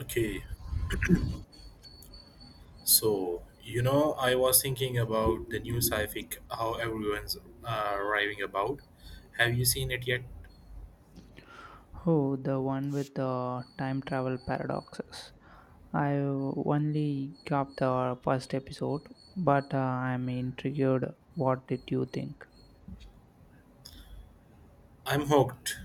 Okay, I was thinking about the new sci-fi, how everyone's raving about. Have you seen it yet? Oh, the one with the time travel paradoxes. I only got the first episode, but I'm intrigued. What did you think? I'm hooked.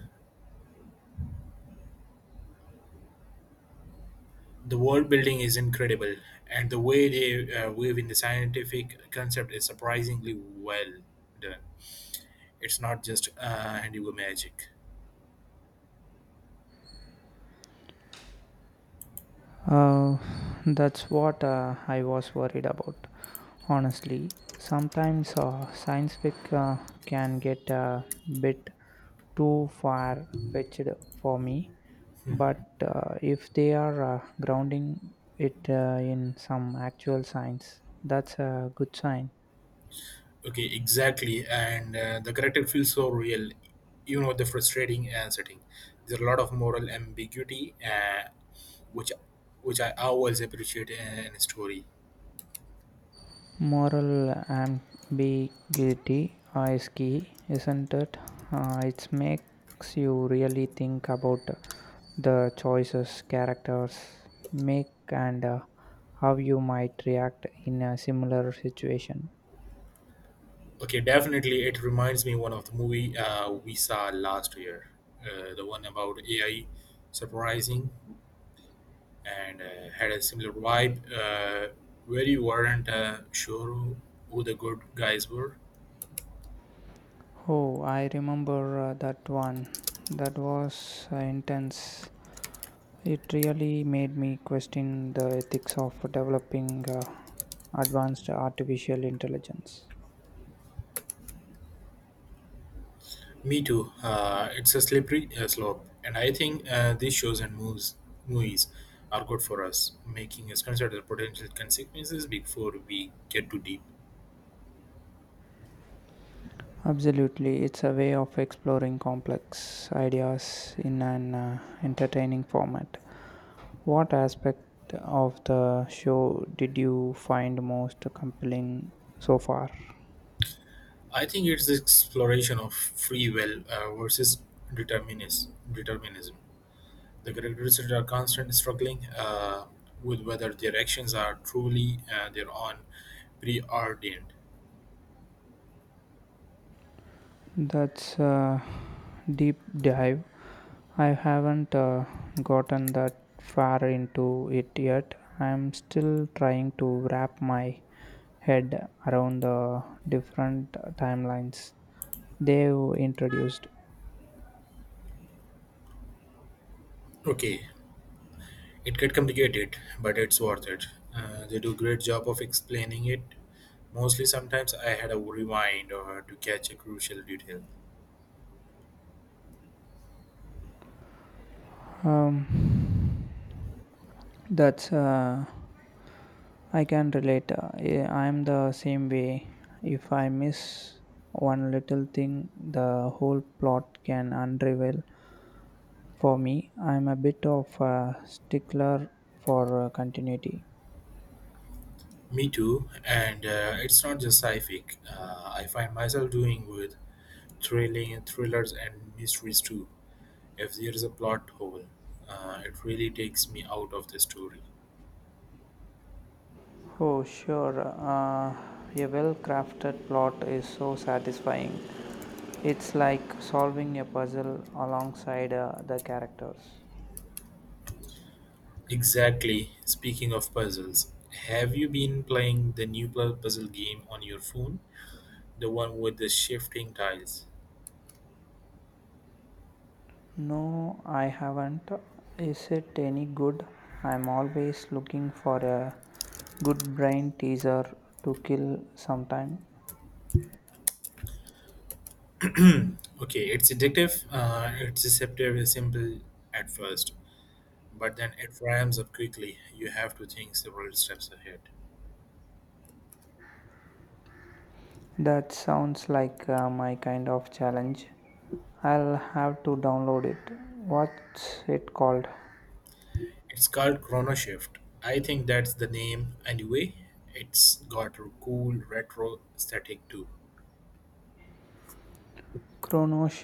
The world building is incredible, and the way they weave in the scientific concept is surprisingly well done. It's not just handiwork magic. Uh, that's what I was worried about. Honestly, sometimes science fiction can get a bit too far fetched for me, but if they are grounding it in some actual science, that's a good sign. Okay, exactly, and the character feels so real. The frustrating setting. There's a lot of moral ambiguity, which which I always appreciate in a story. Moral ambiguity is key, isn't it? It makes you really think about the choices characters make, and how you might react in a similar situation. Okay, definitely, it reminds me one of the movie we saw last year, the one about AI surprising and had a similar vibe, where you weren't sure who the good guys were. Oh, I remember that one. That was intense. It really made me question the ethics of developing advanced artificial intelligence. Me too. It's a slippery slope, and I think these shows and moves movies are good for us, making us consider the potential consequences before we get too deep. Absolutely, it's a way of exploring complex ideas in an entertaining format. What aspect of the show did you find most compelling so far? I think it's the exploration of free will versus determinism. Determinism. The great researchers are constantly struggling with whether their actions are truly their own preordained. That's a deep dive. I haven't gotten that far into it yet. I'm still trying to wrap my head around the different timelines they've introduced. Okay, it get complicated, but it's worth it. They do great job of explaining it. Mostly, sometimes I had a rewind or to catch a crucial detail. Um, that's I can relate. I'm the same way. If I miss one little thing, the whole plot can unravel for me. I'm a bit of a stickler for continuity. Me too, and it's not just sci-fi. I find myself doing with Thrilling thrillers and mysteries too. If there is a plot hole, it really takes me out of the story. Oh, sure. A well crafted plot is so satisfying. It's like solving a puzzle alongside the characters. Exactly. Speaking of puzzles, have you been playing the new puzzle game on your phone? The one with the shifting tiles. No, I haven't. Is it any good? I'm always looking for a good brain teaser to kill sometime. Okay, it's addictive. It's deceptive, and simple at first, but then it ramps up quickly. You have to think several steps ahead. That sounds like my kind of challenge. I'll have to download it. What's it called? It's called Chrono Shift. I think that's the name. Anyway, it's got a cool retro aesthetic too. Chrono